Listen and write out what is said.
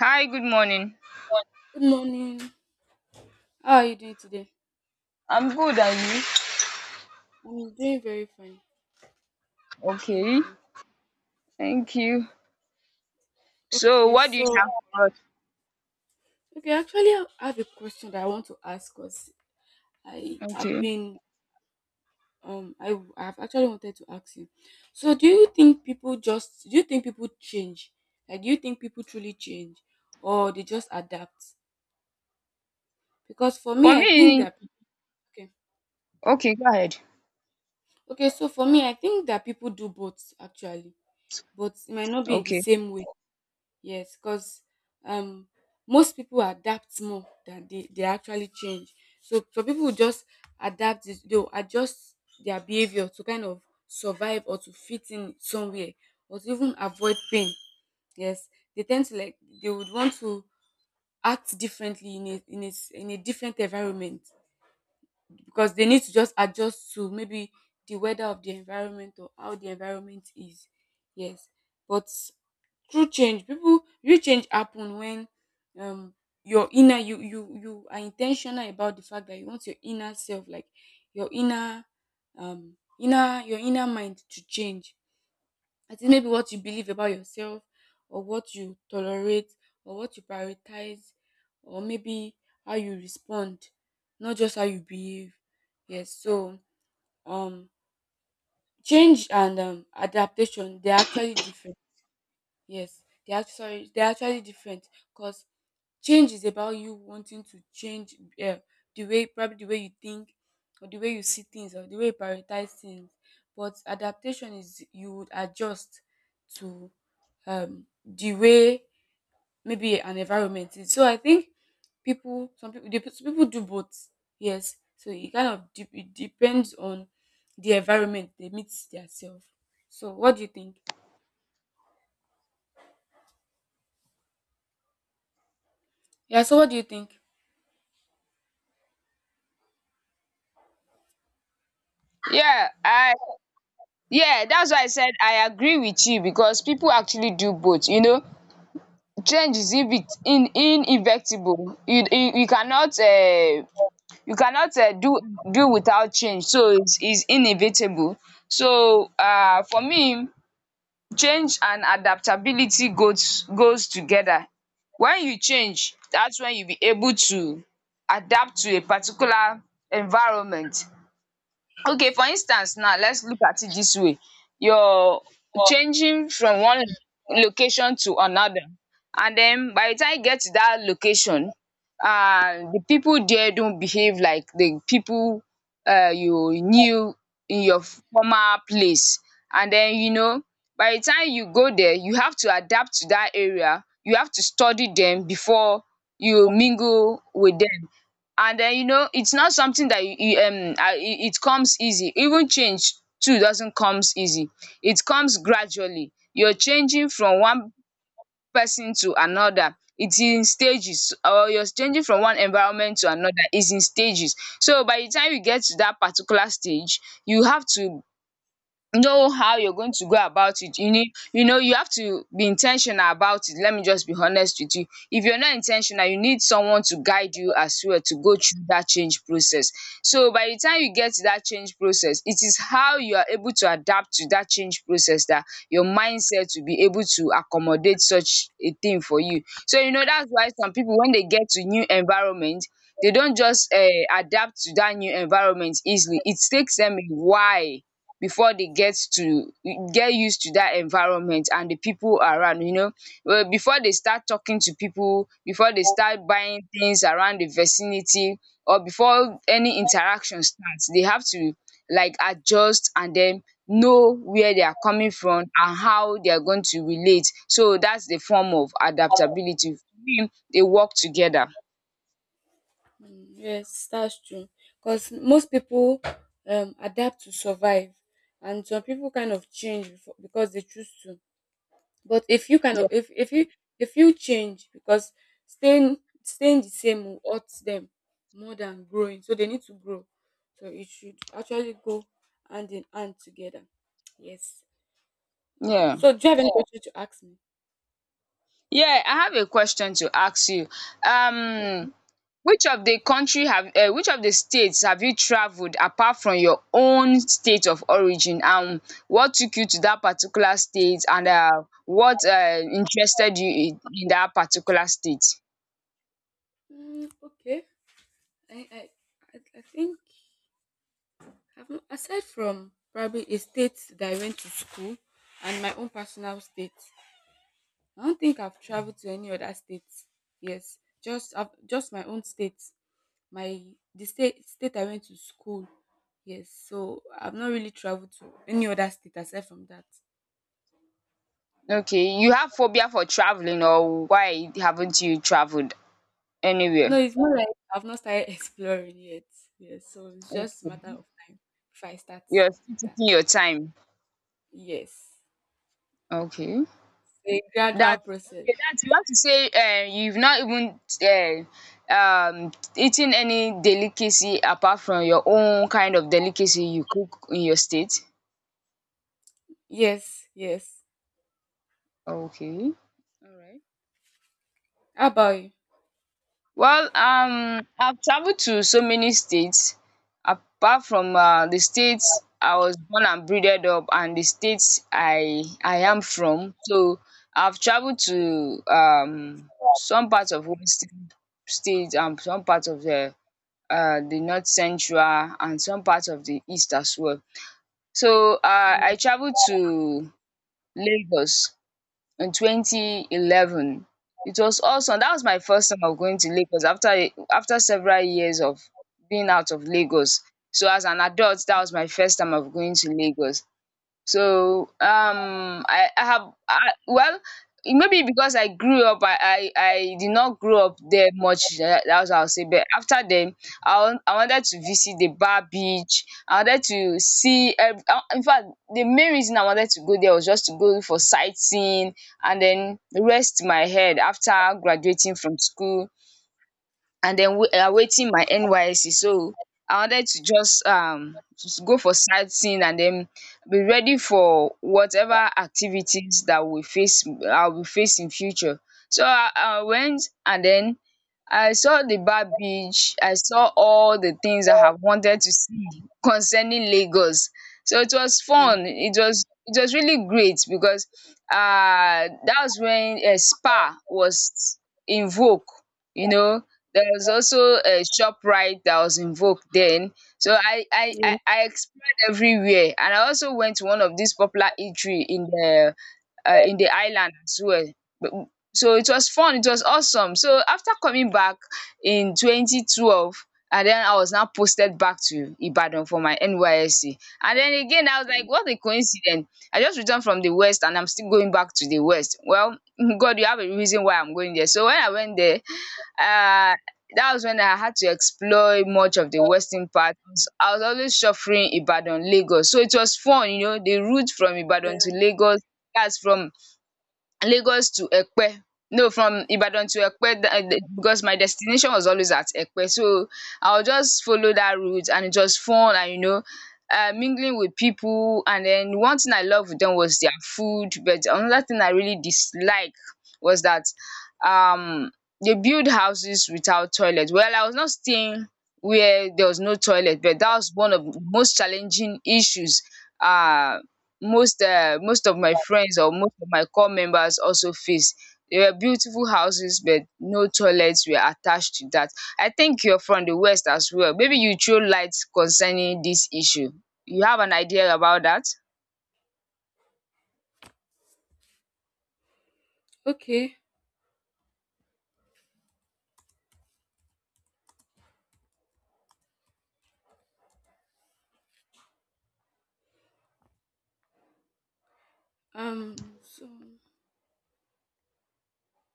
Hi, good morning. Good morning. How are you doing today? I'm good, and you? I'm doing very fine. Thank Okay, you. thank you. So, Okay, what do so you have for us? okay, actually I have a question that I want to ask because I have Okay. been I have actually wanted to ask you. So do you think people change? Like do you think people truly change or they just adapt? Because for For me I think me, that okay. okay, go ahead. Okay, so for me I think that people do both actually, but it might not be in the Okay. same way. Yes, because um, most people adapt more than they actually change. So some people will just adapt, they'll adjust their behavior to kind of survive or to fit in somewhere or to even avoid pain. Yes, they tend to like, they would want to act differently in a different environment because they need to just adjust to maybe the weather of the environment or how the environment is. Yes, but true change people real change happen when um your inner you are intentional about the fact that you want your inner self like your inner your inner mind to change. I think maybe what you believe about yourself or what you tolerate or what you prioritize or maybe how you respond, not just how you behave. Yes, so um change and adaptation they're actually different. Because change is about you wanting to change um the way probably the way you think or the way you see things or the way you prioritize things. But adaptation is you would adjust to the way maybe an environment is. So I think people some people the, some people do both. Yes. So it kind of it depends on the environment they meet themselves. So what do you think? Yeah, so what do you think? Yeah, I yeah, that's why I said I agree with you because people actually do both. You know, change is inevit- in inevitable. You cannot you cannot do without change. So it's inevitable. So for me, change and adaptability goes together. When you change, that's when you be able to adapt to a particular environment. Okay, for instance now let's look at it this way. You're changing from one location to another, and then by the time you get to that location, the people there don't behave like the people you knew in your former place. And then, you know, by the time you go there, you have to adapt to that area. You have to study dem before you mingle with dem. And you know, it's not something that you it it comes easy. Even change too doesn't comes easy. It comes gradually. You're changing from one person to another, it's in stages. Or you're changing from one environment to another, it's in stages. So by the time you get to that particular stage, you have to know how you're going to go about it. You need, you know, you have to be intentional about it. Let me just be honest with you. If you're not intentional, you need someone to guide you as well to go through that change process. So by the time you get to that change process, it is how you are able to adapt to that change process that your mindset will be able to accommodate such a thing for you. So, you know, that's why some people when they get to new environment, they don't just adapt to that new environment easily. It takes them a while before they get to get used to that environment and the people around, you know. Well, before they start talking to people, before they start buying things around the vicinity, or before any interaction starts, they have to like adjust and then know where they are coming from and how they are going to relate. So that's the form of adaptability for me, they work together. Mm, yes, that's true. Because most people adapt to survive, and some people kind of change before, because they choose to. But if you kind of Yeah. If you change because staying the same will hurt them more than growing, so they need to grow. So it should actually go hand in hand together. Yes. Yeah, So do you have any question to ask me? yeah, I have a question to ask you. um Which of the country have which of the states have you travelled apart from your own state of origin, and what took you to that particular state, and what interested you in that particular state? Mm, okay. I I I think. I've no aside from probably a state that I went to school and my own personal state, I don't think I've traveled to any other state. Yes, just my own state, my the state state I went to school. Yes, so I've not really traveled to any other state aside from that. Okay, you have phobia for travelling, or why haven't you travelled No, anywhere? it's more like I've not started exploring yet. Yes, so it's just a matter of time if I start You're still that. taking your time. Yes, Okay. a gradual That process. okay, that you have to say, you've not even eaten any delicacy apart from your own kind of delicacy you cook in your state. Yes, yes. Okay. All right. How about you? Well, I've traveled to so many states. Apart from the states I was born and bred up, and the states I am from, so I've traveled to some parts of Western states and some parts of the north central, and some parts of the east as well. So I traveled to Lagos in 2011. It was awesome. That was my first time of going to Lagos after several years of being out of Lagos. So as an adult, that was my first time of going to Lagos. So, I have, well, maybe because I grew up, I did not grow up there much. That's what I'll say. But after then, I wanted to visit the Bar Beach. I wanted to see. In fact, the main reason I wanted to go there was just to go for sightseeing and then rest my head after graduating from school and then awaiting my NYC. So I wanted to just go for sightseeing and then be ready for whatever activities that we face I'll be facing future. So I went and then I saw the bad beach. I saw all the things I have wanted to see concerning Lagos. So it was Yeah. fun. It was really great because that was when a spa was in vogue, you know, there was also a ShopRite that was in vogue then. So I explored everywhere, and I also went to one of these popular eatery in the island as well. But- so it was fun, it was awesome. So after coming back in 2012, and then I was now posted back to Ibadan for my NYSC. And then again I was like, what a coincidence. I just returned from the west and I'm still going back to the west. Well, God, you have a reason why I'm going there. So when I went there, uh that was when I had to explore much of the western part. I was always shuffling Ibadan, Lagos. So it was fun, you know, the route from Ibadan Yeah. to Lagos, that's from Lagos to Ekpe. No, from Ibadan to Ekpe tha the because my destination was always at Ekpe. So, I will just follow that route, and it was fun. And, you know, mingling with people, and then one thing I loved with them was their food. But another thing I really dislike was that, um, they build houses without toilet. Well, I was not staying where there was no toilet, but that was one of the most challenging issues, uh, most of my friends or most of my core members also faced. They were beautiful houses but no toilets were attached to that. I think you're from the west as well. Maybe you throw light concerning this issue. You have an idea about that? Okay. So.